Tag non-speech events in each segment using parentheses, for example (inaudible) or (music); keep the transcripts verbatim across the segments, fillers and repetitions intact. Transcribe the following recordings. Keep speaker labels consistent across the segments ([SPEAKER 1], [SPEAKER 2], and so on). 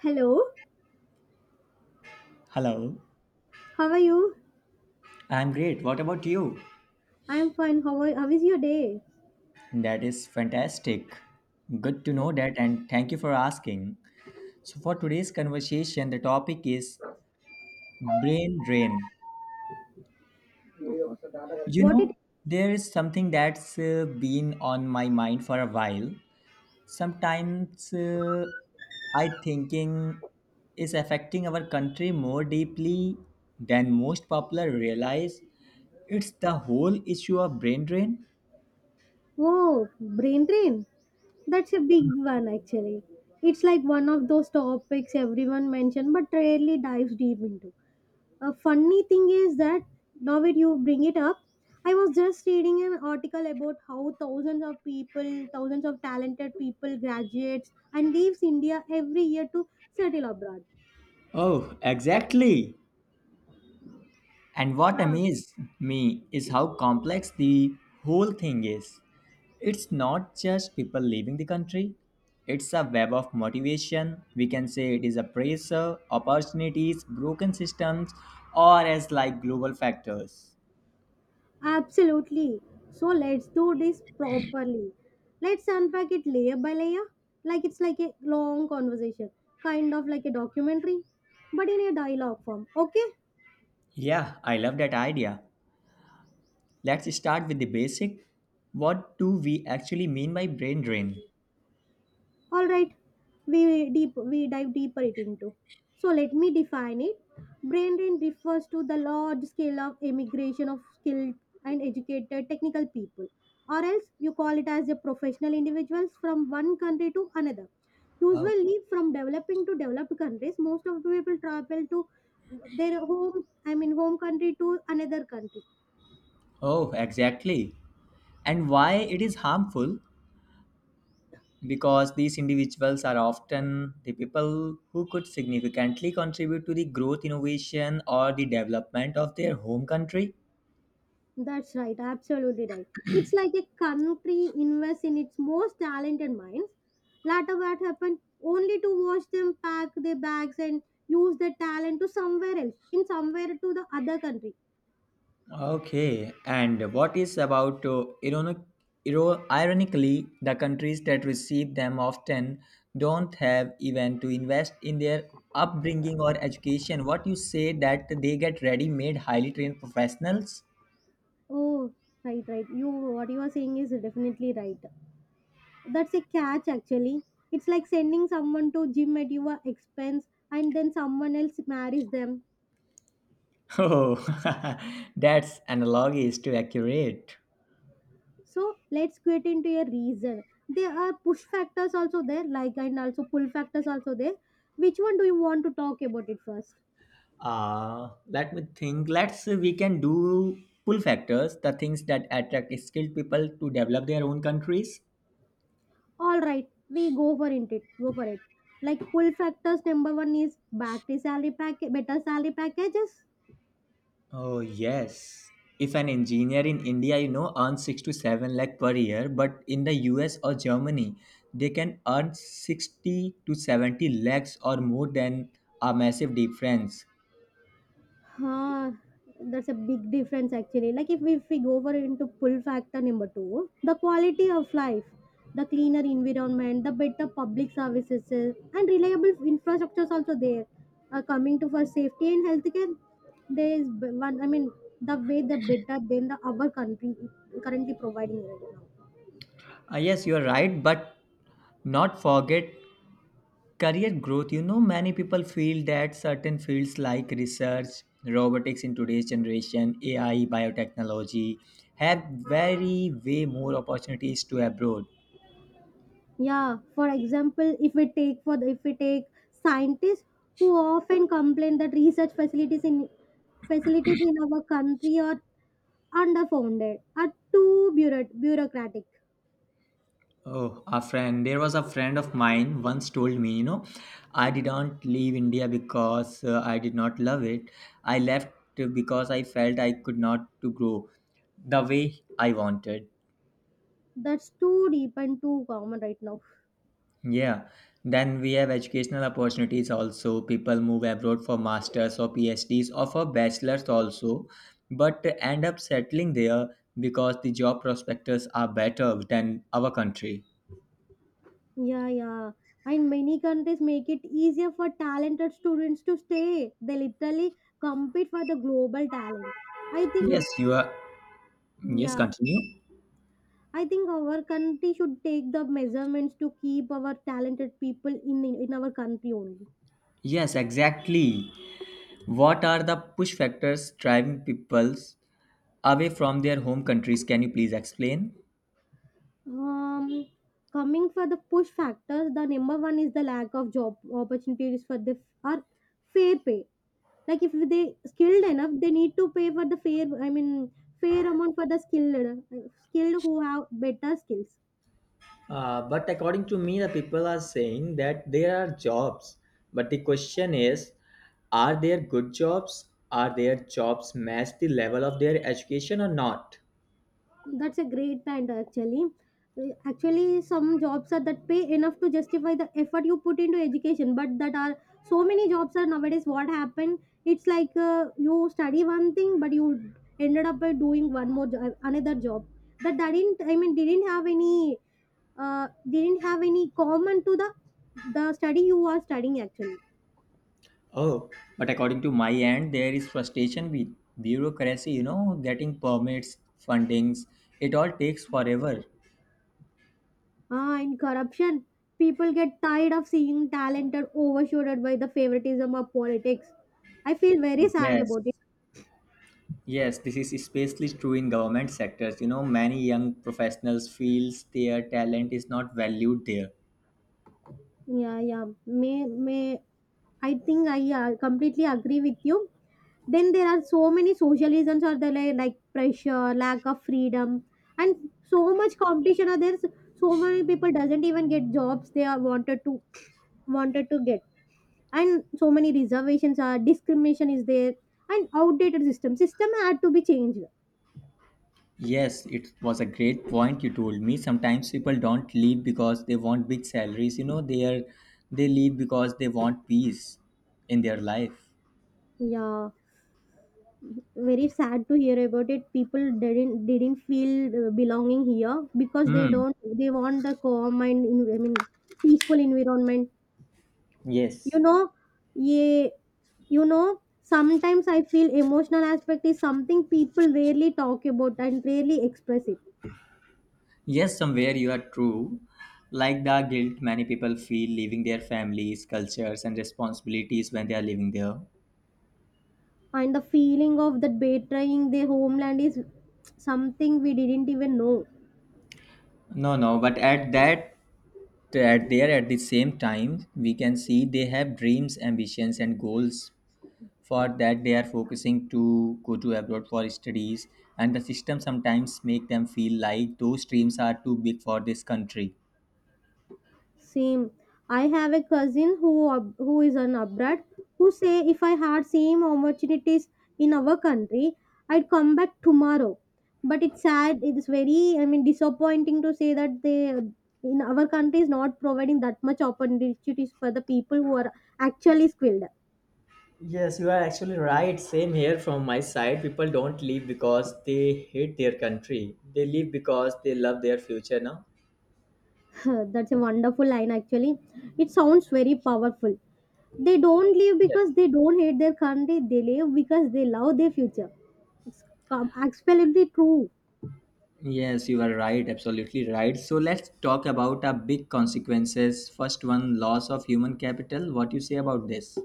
[SPEAKER 1] Hello,
[SPEAKER 2] Hello,
[SPEAKER 1] how are you?
[SPEAKER 2] I'm great. What about you?
[SPEAKER 1] I'm fine. How are, how is your day?
[SPEAKER 2] That is fantastic. Good to know that, and thank you for asking. So, for today's conversation, the topic is brain drain. You
[SPEAKER 1] What
[SPEAKER 2] know,
[SPEAKER 1] it?
[SPEAKER 2] there is something that's uh, been on my mind for a while. Sometimes uh, I thinking is affecting our country more deeply than most popular realize. It's the whole issue of brain drain.
[SPEAKER 1] Oh, brain drain. That's a big one actually. It's like one of those topics everyone mentioned but rarely dives deep into. A funny thing is that now that you bring it up, I was just reading an article about how thousands of people, thousands of talented people, graduates, and leaves India every year to settle abroad.
[SPEAKER 2] Oh, exactly. And what amazed me is how complex the whole thing is. It's not just people leaving the country, it's a web of motivation. We can say it is a pressure, opportunities, broken systems, or as like global factors.
[SPEAKER 1] Absolutely. So let's do this properly. Let's unpack it layer by layer, like it's like a long conversation, kind of like a documentary, but in a dialogue form. Okay?
[SPEAKER 2] Yeah, I love that idea. Let's start with the basic. What do we actually mean by brain drain?
[SPEAKER 1] All right, we deep we dive deeper it into, so let me define it. Brain drain refers to the large scale of immigration of skilled and educated technical people, or else you call it as a professional individuals from one country to another,
[SPEAKER 2] Oh,
[SPEAKER 1] usually from developing to developed countries. Most of the people travel to their home I mean home country to another country.
[SPEAKER 2] oh, exactly. And why it is harmful? Because these individuals are often the people who could significantly contribute to the growth, innovation, or the development of their home country.
[SPEAKER 1] That's right, absolutely right. It's like a country invests in its most talented minds. Later, what happened? Only to watch them pack their bags and use their talent to somewhere else, in somewhere to the other country.
[SPEAKER 2] Okay, and what is about uh, ironic, iro- ironically, the countries that receive them often don't have even to invest in their upbringing or education. What you say that they get ready-made, highly trained professionals? (laughs)
[SPEAKER 1] Oh, right, right. You, what you are saying is definitely right. That's a catch, actually. It's like sending someone to gym at your expense, and then someone else marries them.
[SPEAKER 2] Oh, (laughs) that's analog is too accurate.
[SPEAKER 1] So let's get into a reason. There are push factors also there, like and also pull factors also there. Which one do you want to talk about it first?
[SPEAKER 2] Uh, let me think. Let's say we can do pull factors, the things that attract skilled people to develop their own countries.
[SPEAKER 1] All right, we go for it. Go for it. Like pull factors number one is battery salary package, better salary packages.
[SPEAKER 2] Oh yes. If an engineer in India, you know, earns six to seven lakh per year, but in the U S or Germany, they can earn sixty to seventy lakhs or more than a massive difference.
[SPEAKER 1] Huh, that's a big difference actually. Like if we, if we go over into pull factor number two, the quality of life, the cleaner environment, the better public services, uh, and reliable infrastructures also there. Uh, coming to for safety and healthcare, there is b- one. I mean, the way the better than the our country currently providing right now.
[SPEAKER 2] Uh, yes, you're right, but not forget career growth, you know, many people feel that certain fields like research, robotics in today's generation, A I, biotechnology have very, way more opportunities to abroad.
[SPEAKER 1] Yeah, for example if we take for the, if we take scientists who often complain that research facilities in facilities in our country are underfunded, are too bureau- bureaucratic.
[SPEAKER 2] Oh, a friend. There was a friend of mine once told me, you know, I didn't leave India because uh, I did not love it. I left because I felt I could not to grow the way I wanted.
[SPEAKER 1] That's too deep and too common right now.
[SPEAKER 2] Yeah, then we have educational opportunities also. People move abroad for masters or PhDs or for bachelors also, but end up settling there because the job prospects are better than our country.
[SPEAKER 1] Yeah, yeah. And many countries make it easier for talented students to stay. They literally compete for the global talent, I
[SPEAKER 2] Yes,
[SPEAKER 1] think.
[SPEAKER 2] you are. Yes,
[SPEAKER 1] Yeah.
[SPEAKER 2] continue.
[SPEAKER 1] I think our country should take the measurements to keep our talented people in in our country only.
[SPEAKER 2] Yes, exactly. What are the push factors driving peoples away from their home countries? Can you please explain?
[SPEAKER 1] Um, Coming for the push factors, the number one is the lack of job opportunities for the or fair pay. Like if they skilled enough, they need to pay for the fair. I mean, fair amount for the skilled uh, skilled who have better skills.
[SPEAKER 2] Uh, but according to me, the people are saying that there are jobs. But the question is, are there good jobs? Are their jobs match the level of their education or not?
[SPEAKER 1] That's a great point, actually. Uh, Actually, some jobs are that pay enough to justify the effort you put into education, but that are so many jobs are nowadays. What happened? It's like, uh, you study one thing, but you ended up by doing one more job, another job that didn't. I mean, didn't have any uh, didn't have any common to the the study you are studying actually.
[SPEAKER 2] Oh, but according to my end, there is frustration with bureaucracy, you know, getting permits, fundings, it all takes forever.
[SPEAKER 1] Ah, in corruption, people get tired of seeing talented overshadowed by the favoritism of politics. I feel very sad
[SPEAKER 2] Yes.
[SPEAKER 1] about it.
[SPEAKER 2] Yes, this is especially true in government sectors. You know, many young professionals feels their talent is not valued there.
[SPEAKER 1] Yeah, yeah. May may I think I uh, completely agree with you. Then there are so many social reasons are there like, like pressure, lack of freedom, and so much competition. Are there so many people doesn't even get jobs they are wanted to wanted to get. And so many reservations are discrimination is there, and outdated system system had to be changed.
[SPEAKER 2] Yes, it was a great point you told me. Sometimes people don't leave because they want big salaries. You know, they are they leave because they want peace in their life.
[SPEAKER 1] Yeah, very sad to hear about it. People didn't didn't feel, uh, belonging here because they
[SPEAKER 2] Hmm.
[SPEAKER 1] don't they want the calm and in- i mean peaceful environment
[SPEAKER 2] Yes.
[SPEAKER 1] you know yeah. You know sometimes I feel emotional aspect is something people rarely talk about and rarely express it,
[SPEAKER 2] Yes, somewhere you are true. Like the guilt many people feel leaving their families, cultures, and responsibilities when they are living there.
[SPEAKER 1] and the feeling of that betraying their homeland is something we didn't even know.
[SPEAKER 2] No, no, but at that, at there, at the same time, we can see they have dreams, ambitions, and goals for that they are focusing to go to abroad for studies, and the system sometimes make them feel like those dreams are too big for this country.
[SPEAKER 1] Same. I have a cousin who ab- who is an abroad, who say if I had same opportunities in our country, I'd come back tomorrow. But it's sad. It's very, I mean, disappointing to say that they in our country is not providing that much opportunities for the people who are actually skilled.
[SPEAKER 2] Yes, you are actually right. Same here from my side. People don't leave because they hate their country. They leave because they love their future now.
[SPEAKER 1] (laughs) That's a wonderful line actually. It sounds very powerful. They don't leave
[SPEAKER 2] Yes.
[SPEAKER 1] because they don't hate their country. They leave because they love their future. It's com- absolutely true.
[SPEAKER 2] Yes, you are right, absolutely right. So let's talk about our big consequences. First one, loss of human capital. What you say about this?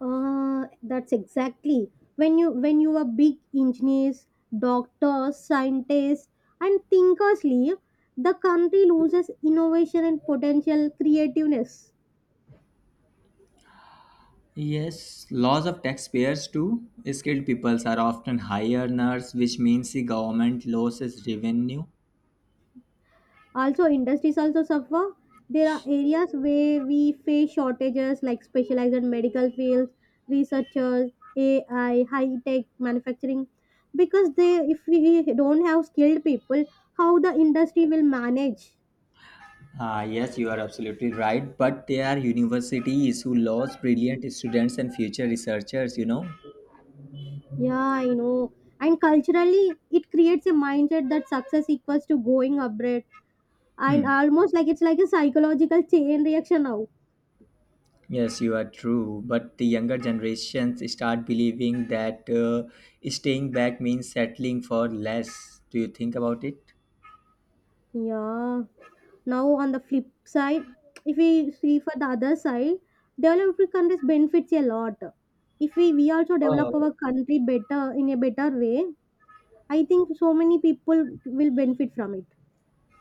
[SPEAKER 1] Uh, that's exactly, when you when you are big engineers, doctors, scientists, and thinkers leave, the country loses innovation and potential creativeness.
[SPEAKER 2] Yes, loss of taxpayers too. Skilled peoples are often high earners, which means the government loses revenue.
[SPEAKER 1] Also, industries also suffer. There are areas where we face shortages like specialized medical fields, researchers, A I, high tech manufacturing, because they if we don't have skilled people, how the industry will manage?
[SPEAKER 2] Ah, yes, you are absolutely right. But there are universities who lose brilliant students and future researchers, you know.
[SPEAKER 1] Yeah, I know. And culturally, it creates a mindset that success equals to going upgrade, and
[SPEAKER 2] Hmm.
[SPEAKER 1] almost like it's like a psychological chain reaction now.
[SPEAKER 2] Yes, you are true. But the younger generations start believing that uh, staying back means settling for less. Do you think about it?
[SPEAKER 1] Yeah. Now on the flip side, if we see for the other side, developed countries benefits a lot. If we, we also
[SPEAKER 2] Uh,
[SPEAKER 1] develop our country better in a better way, I think so many people will benefit from it.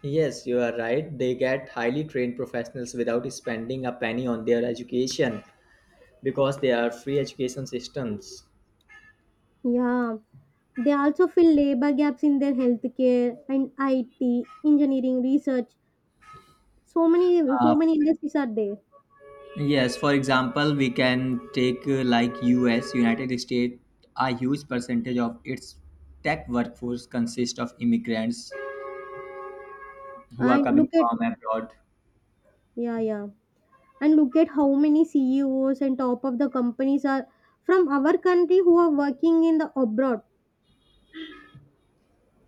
[SPEAKER 2] Yes, you are right. They get highly trained professionals without spending a penny on their education because they are free education systems.
[SPEAKER 1] Yeah. They also fill labor gaps in their healthcare and I T, engineering, research. So many,
[SPEAKER 2] Uh,
[SPEAKER 1] so many industries are there.
[SPEAKER 2] yes, for example, we can take uh, like U S, United States, a huge percentage of its tech workforce consists of immigrants who are
[SPEAKER 1] And
[SPEAKER 2] coming
[SPEAKER 1] look at,
[SPEAKER 2] from abroad.
[SPEAKER 1] yeah, yeah. And look at how many C E Os and top of the companies are from our country who are working in the abroad.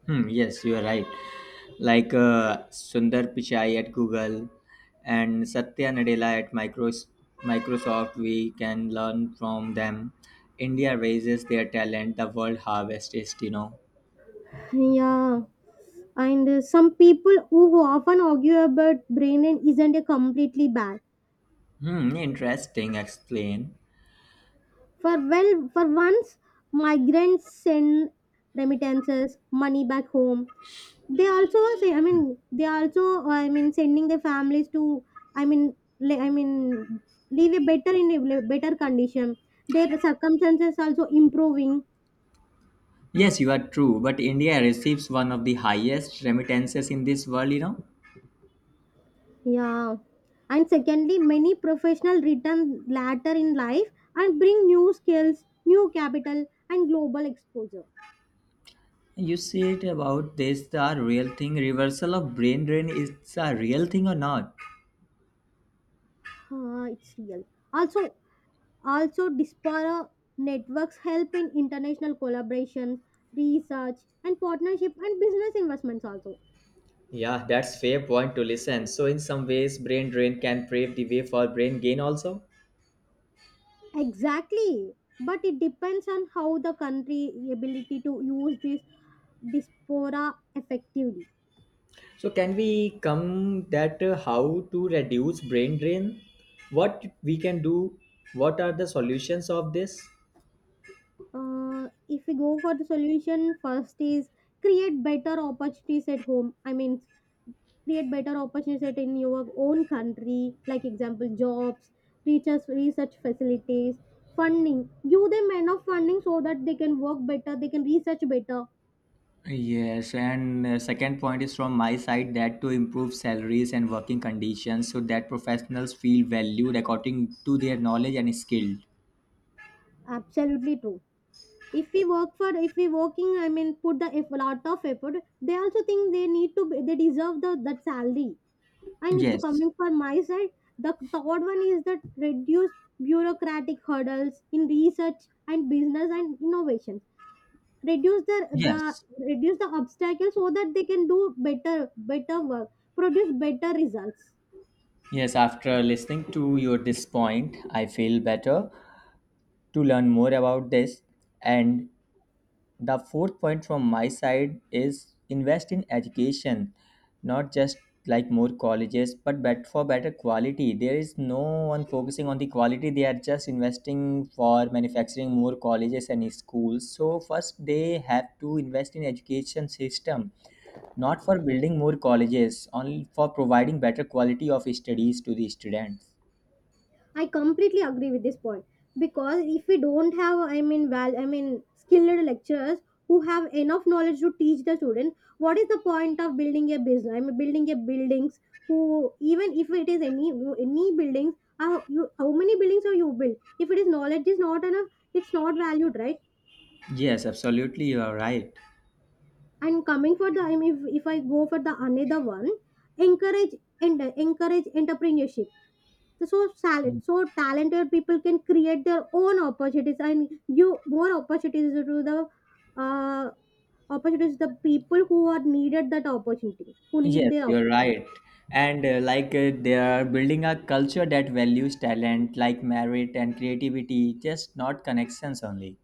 [SPEAKER 2] Hmm, yes, you are right. Like uh, Sundar Pichai at Google and Satya Nadella at Micros- Microsoft, we can learn from them. India raises their talent, the world harvest is, you know.
[SPEAKER 1] Yeah. And uh, some people who, who often argue about brain drain isn't a completely bad.
[SPEAKER 2] Hmm, interesting, explain.
[SPEAKER 1] For Well, for once, migrants send remittances, money back home. They also say, I mean, they also, I mean, sending their families to, I mean, le- I mean, live a better in a better condition. Their circumstances also improving.
[SPEAKER 2] Yes, you are true, but India receives one of the highest remittances in this world, you know.
[SPEAKER 1] Yeah. And secondly, many professional return later in life and bring new skills, new capital, and global exposure.
[SPEAKER 2] You said about this, the real thing, reversal of brain drain, is a real thing or not?
[SPEAKER 1] Huh, it's real. Also, Also, diaspora networks help in international collaboration, research, and partnership and business investments also.
[SPEAKER 2] Yeah, that's fair point to listen. So in some ways, brain drain can pave the way for brain gain also.
[SPEAKER 1] Exactly. But it depends on how the country ability to use this diaspora effectively.
[SPEAKER 2] So can we come that uh, how to reduce brain drain? What we can do? What are the solutions of this?
[SPEAKER 1] Uh, if we go for the solution, first is create better opportunities at home. I mean, create better opportunities in your own country, like example jobs, teachers, research facilities, funding. Give them enough funding so that they can work better, they can research better.
[SPEAKER 2] Yes, and uh, second point is from my side that to improve salaries and working conditions so that professionals feel valued according to their knowledge and skill.
[SPEAKER 1] Absolutely true. If we work for if we working, I mean, put the eff- lot of effort, they also think they need to be- they deserve the that salary. And if
[SPEAKER 2] Yes,
[SPEAKER 1] coming from my side, the third one is that reduce bureaucratic hurdles in research and business and innovation. Reduce the, the
[SPEAKER 2] yes,
[SPEAKER 1] reduce the obstacles so that they can do better better work, produce better results.
[SPEAKER 2] yes. After listening to your this point, I feel better to learn more about this. And the fourth point from my side is invest in education, not just like more colleges, but bet for better quality. There is no one focusing on the quality. They are just investing for manufacturing more colleges and schools. So first they have to invest in education system, not for building more colleges, only for providing better quality of studies to the students.
[SPEAKER 1] I completely agree with this point, because if we don't have, I mean, val i mean skilled lecturers who have enough knowledge to teach the students, what is the point of building a business, I mean, building a buildings? Who, even if it is any any buildings, how you how many buildings are you build? If it is knowledge is not enough, it's not valued, right?
[SPEAKER 2] Yes, absolutely, you are right.
[SPEAKER 1] And coming for the, I mean, if, if I go for the another one, encourage and encourage entrepreneurship, so salad so talented people can create their own opportunities and give more opportunities to the, uh, opportunities the people who are needed that opportunity, who need
[SPEAKER 2] Yes,
[SPEAKER 1] their
[SPEAKER 2] you're right.
[SPEAKER 1] opportunity.
[SPEAKER 2] And uh, like uh, they are building a culture that values talent, like merit and creativity, just not connections only.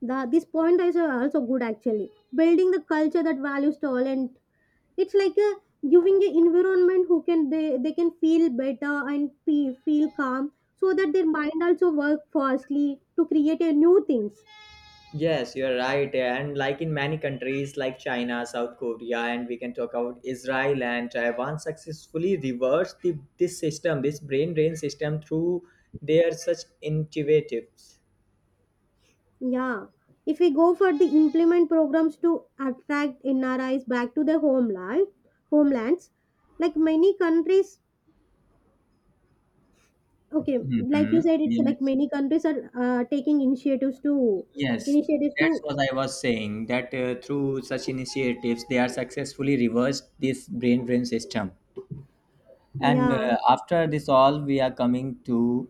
[SPEAKER 1] The this point is also good actually, building the culture that values talent. It's like a giving a environment who can they they can feel better and feel, feel calm, so that their mind also work fastly to create a new things.
[SPEAKER 2] Yes, you're right. And like in many countries like China, South Korea, and we can talk about Israel and Taiwan successfully reversed the, this system, this brain drain system through their such intuitives.
[SPEAKER 1] Yeah, if we go for the implement programs to attract N R Is back to their homeland homelands, like many countries. Okay. Like you
[SPEAKER 2] Mm-hmm.
[SPEAKER 1] said, it's like
[SPEAKER 2] Yes.
[SPEAKER 1] many countries are, uh, taking initiatives to
[SPEAKER 2] Yes,
[SPEAKER 1] initiatives to.
[SPEAKER 2] that's what I was saying, that uh, through such initiatives, they are successfully reversed this brain drain system. And
[SPEAKER 1] Yeah.
[SPEAKER 2] uh, after this all, we are coming to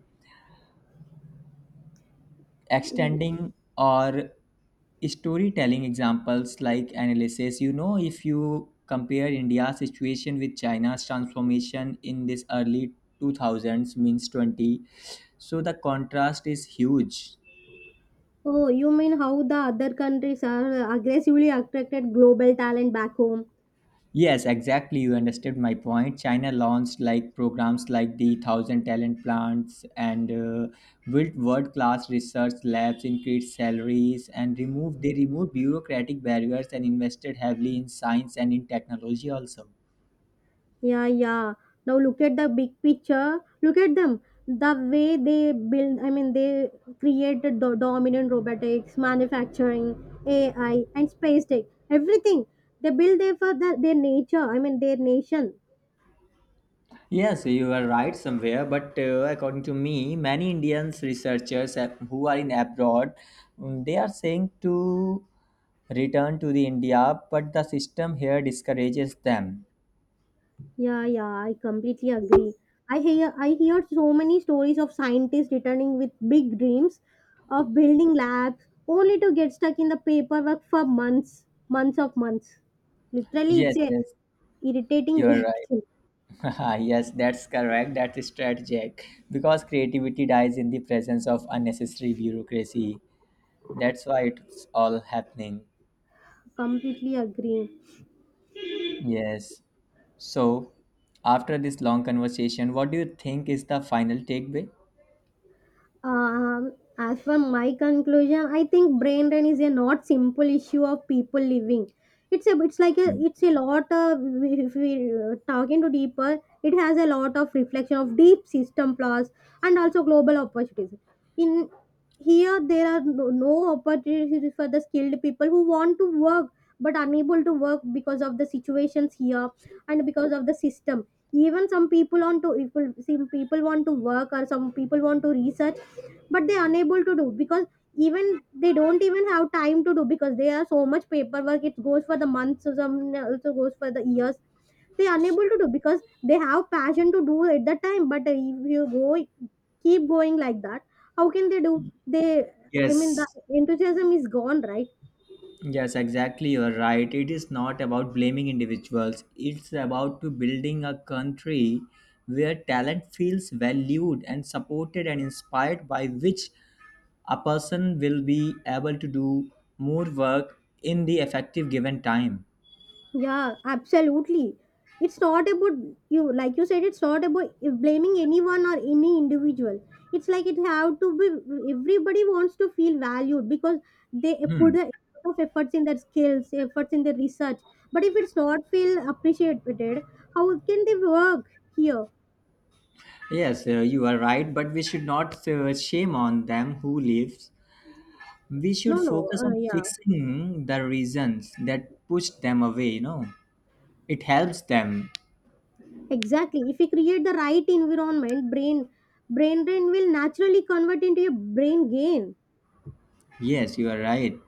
[SPEAKER 2] extending or storytelling examples like analysis. You know, if you compare India's situation with China's transformation in this early two thousands, means twenty, so the contrast is huge.
[SPEAKER 1] Oh, you mean how the other countries are aggressively attracted global talent back home?
[SPEAKER 2] Yes, exactly. You understood my point. China launched like programs like the Thousand Talent Plants and uh, built world-class research labs, increased salaries, and removed they removed bureaucratic barriers and invested heavily in science and in technology also.
[SPEAKER 1] Yeah, yeah. Now look at the big picture. Look at them. The way they build, I mean, they created the dominant robotics, manufacturing, A I, and space tech. Everything they build there for the, their nature. I mean, their nation.
[SPEAKER 2] Yes, you are right somewhere, but uh, according to me, many Indians researchers uh, who are in abroad, mm, they are saying to return to the India, but the system here discourages them.
[SPEAKER 1] Yeah, yeah, I completely agree. I hear I hear so many stories of scientists returning with big dreams of building labs, only to get stuck in the paperwork for months, months of months. Literally,
[SPEAKER 2] Yes,
[SPEAKER 1] it's a
[SPEAKER 2] yes.
[SPEAKER 1] irritating
[SPEAKER 2] You're
[SPEAKER 1] way.
[SPEAKER 2] right. (laughs) Yes, that's correct. That's strategic because creativity dies in the presence of unnecessary bureaucracy. That's why it's all happening.
[SPEAKER 1] (laughs) Completely agree.
[SPEAKER 2] Yes. So, after this long conversation, what do you think is the final takeaway?
[SPEAKER 1] Um, as for my conclusion, I think brain drain is a not simple issue of people living. It's a it's like a
[SPEAKER 2] Mm.
[SPEAKER 1] It's a lot of, if we, uh, talking to deeper, it has a lot of reflection of deep system flaws and also global opportunities. In here, there are no, no opportunities for the skilled people who want to work but unable to work because of the situations here and because of the system. Even some people want to, if some people want to work, or some people want to research, but they're unable to do, because even they don't even have time to do, because they are so much paperwork, it goes for the months, some also goes for the years. They are unable to do because they have passion to do at that time, but if you go keep going like that, how can they do, they, I mean, the
[SPEAKER 2] Yes,
[SPEAKER 1] enthusiasm is gone, right?
[SPEAKER 2] yes, exactly. You're right. It is not about blaming individuals. It's about to building a country where talent feels valued and supported and inspired, by which a person will be able to do more work in the effective given time.
[SPEAKER 1] Yeah, absolutely. It's not about you, like you said, it's not about blaming anyone or any individual. It's like it have to be. Everybody wants to feel valued, because they
[SPEAKER 2] Hmm.
[SPEAKER 1] put a lot of efforts in their skills, efforts in their research. But if it's not feel appreciated, how can they work here?
[SPEAKER 2] Yes, uh, you are right, but we should not uh, shame on them who leaves. We should
[SPEAKER 1] No, no,
[SPEAKER 2] focus
[SPEAKER 1] uh,
[SPEAKER 2] on
[SPEAKER 1] yeah,
[SPEAKER 2] fixing the reasons that push them away, you know. It helps them.
[SPEAKER 1] exactly. If we create the right environment, brain, brain drain will naturally convert into a brain gain.
[SPEAKER 2] Yes, you are right.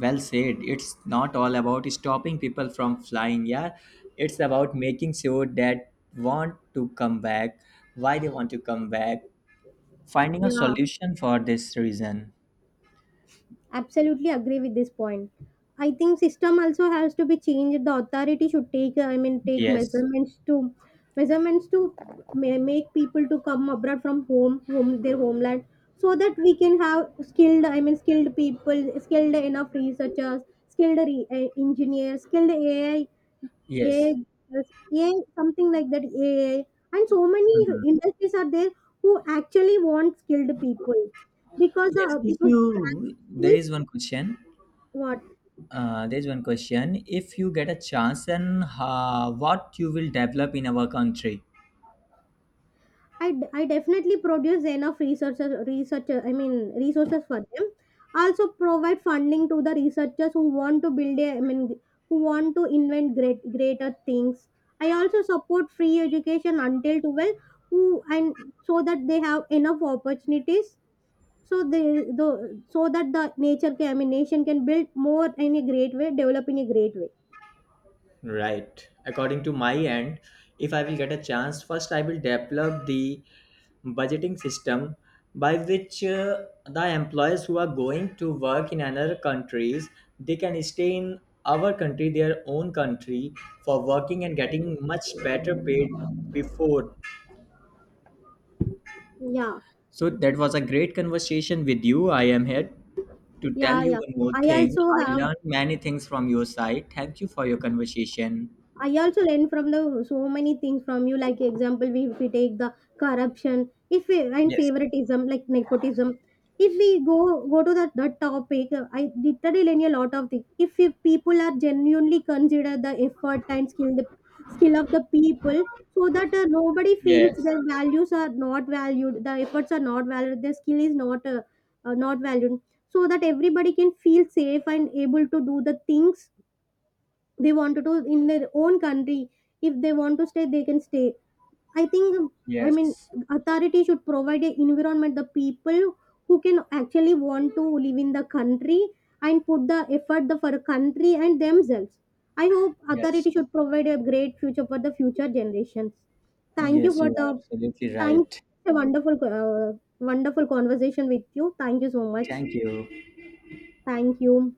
[SPEAKER 2] Well said. It's not all about stopping people from flying, yeah. It's about making sure that want to come back, why they want to come back, finding a
[SPEAKER 1] Yeah.
[SPEAKER 2] solution for this reason.
[SPEAKER 1] Absolutely agree with this point. I think system also has to be changed. The authority should take, I mean, take
[SPEAKER 2] Yes.
[SPEAKER 1] measurements to measurements to ma- make people to come abroad from home home their homeland, so that we can have skilled, I mean, skilled people, skilled enough researchers, skilled re- eh, engineers, skilled ai ai
[SPEAKER 2] Yes.
[SPEAKER 1] A I, something like that A I, and so many
[SPEAKER 2] Mhm.
[SPEAKER 1] industries are there who actually want skilled people, because
[SPEAKER 2] Yes.
[SPEAKER 1] uh,
[SPEAKER 2] If
[SPEAKER 1] because
[SPEAKER 2] you there is one question.
[SPEAKER 1] what?
[SPEAKER 2] Uh, there is one question. If you get a chance, and uh, what you will develop in our country?
[SPEAKER 1] I, d- I definitely produce enough researchers researchers, I mean, resources for them, also provide funding to the researchers who want to build a I mean who want to invent great greater things. I also support free education until twelve, who, and so that they have enough opportunities, so they, the so that the nature can, I mean, nation can build more in a great way, develop in a great way.
[SPEAKER 2] Right. According to my end, if I will get a chance, first I will develop the budgeting system by which uh, the employees who are going to work in another countries, they can stay in our country, their own country, for working and getting much better paid before.
[SPEAKER 1] Yeah,
[SPEAKER 2] So that was a great conversation with you. I am here to tell
[SPEAKER 1] yeah,
[SPEAKER 2] you
[SPEAKER 1] yeah.
[SPEAKER 2] one more
[SPEAKER 1] i
[SPEAKER 2] thing.
[SPEAKER 1] also
[SPEAKER 2] I
[SPEAKER 1] have
[SPEAKER 2] learned many things from your side. Thank you for your conversation.
[SPEAKER 1] I also learn from the so many things from you. Like example, we if we take the corruption, if we and
[SPEAKER 2] Yes,
[SPEAKER 1] favoritism, like nepotism. If we go go to that, that topic, uh, I literally learn a lot of things. If you, people are genuinely consider the effort and skill the skill of the people, so that uh, nobody feels
[SPEAKER 2] yes,
[SPEAKER 1] their values are not valued, the efforts are not valued, their skill is not uh, uh, not valued, so that everybody can feel safe and able to do the things they want to do in their own country. If they want to stay, they can stay, I think. I mean,
[SPEAKER 2] yes.
[SPEAKER 1] authority should provide a environment the people who can actually want to live in the country and put the effort the, for the country and themselves. I hope
[SPEAKER 2] Yes.
[SPEAKER 1] authority should provide a great future for the future generations. thank you
[SPEAKER 2] Yes,
[SPEAKER 1] for
[SPEAKER 2] you
[SPEAKER 1] the
[SPEAKER 2] are absolutely
[SPEAKER 1] thank
[SPEAKER 2] right.
[SPEAKER 1] a wonderful, uh, wonderful conversation with you. Thank you so much.
[SPEAKER 2] Thank you.
[SPEAKER 1] Thank you.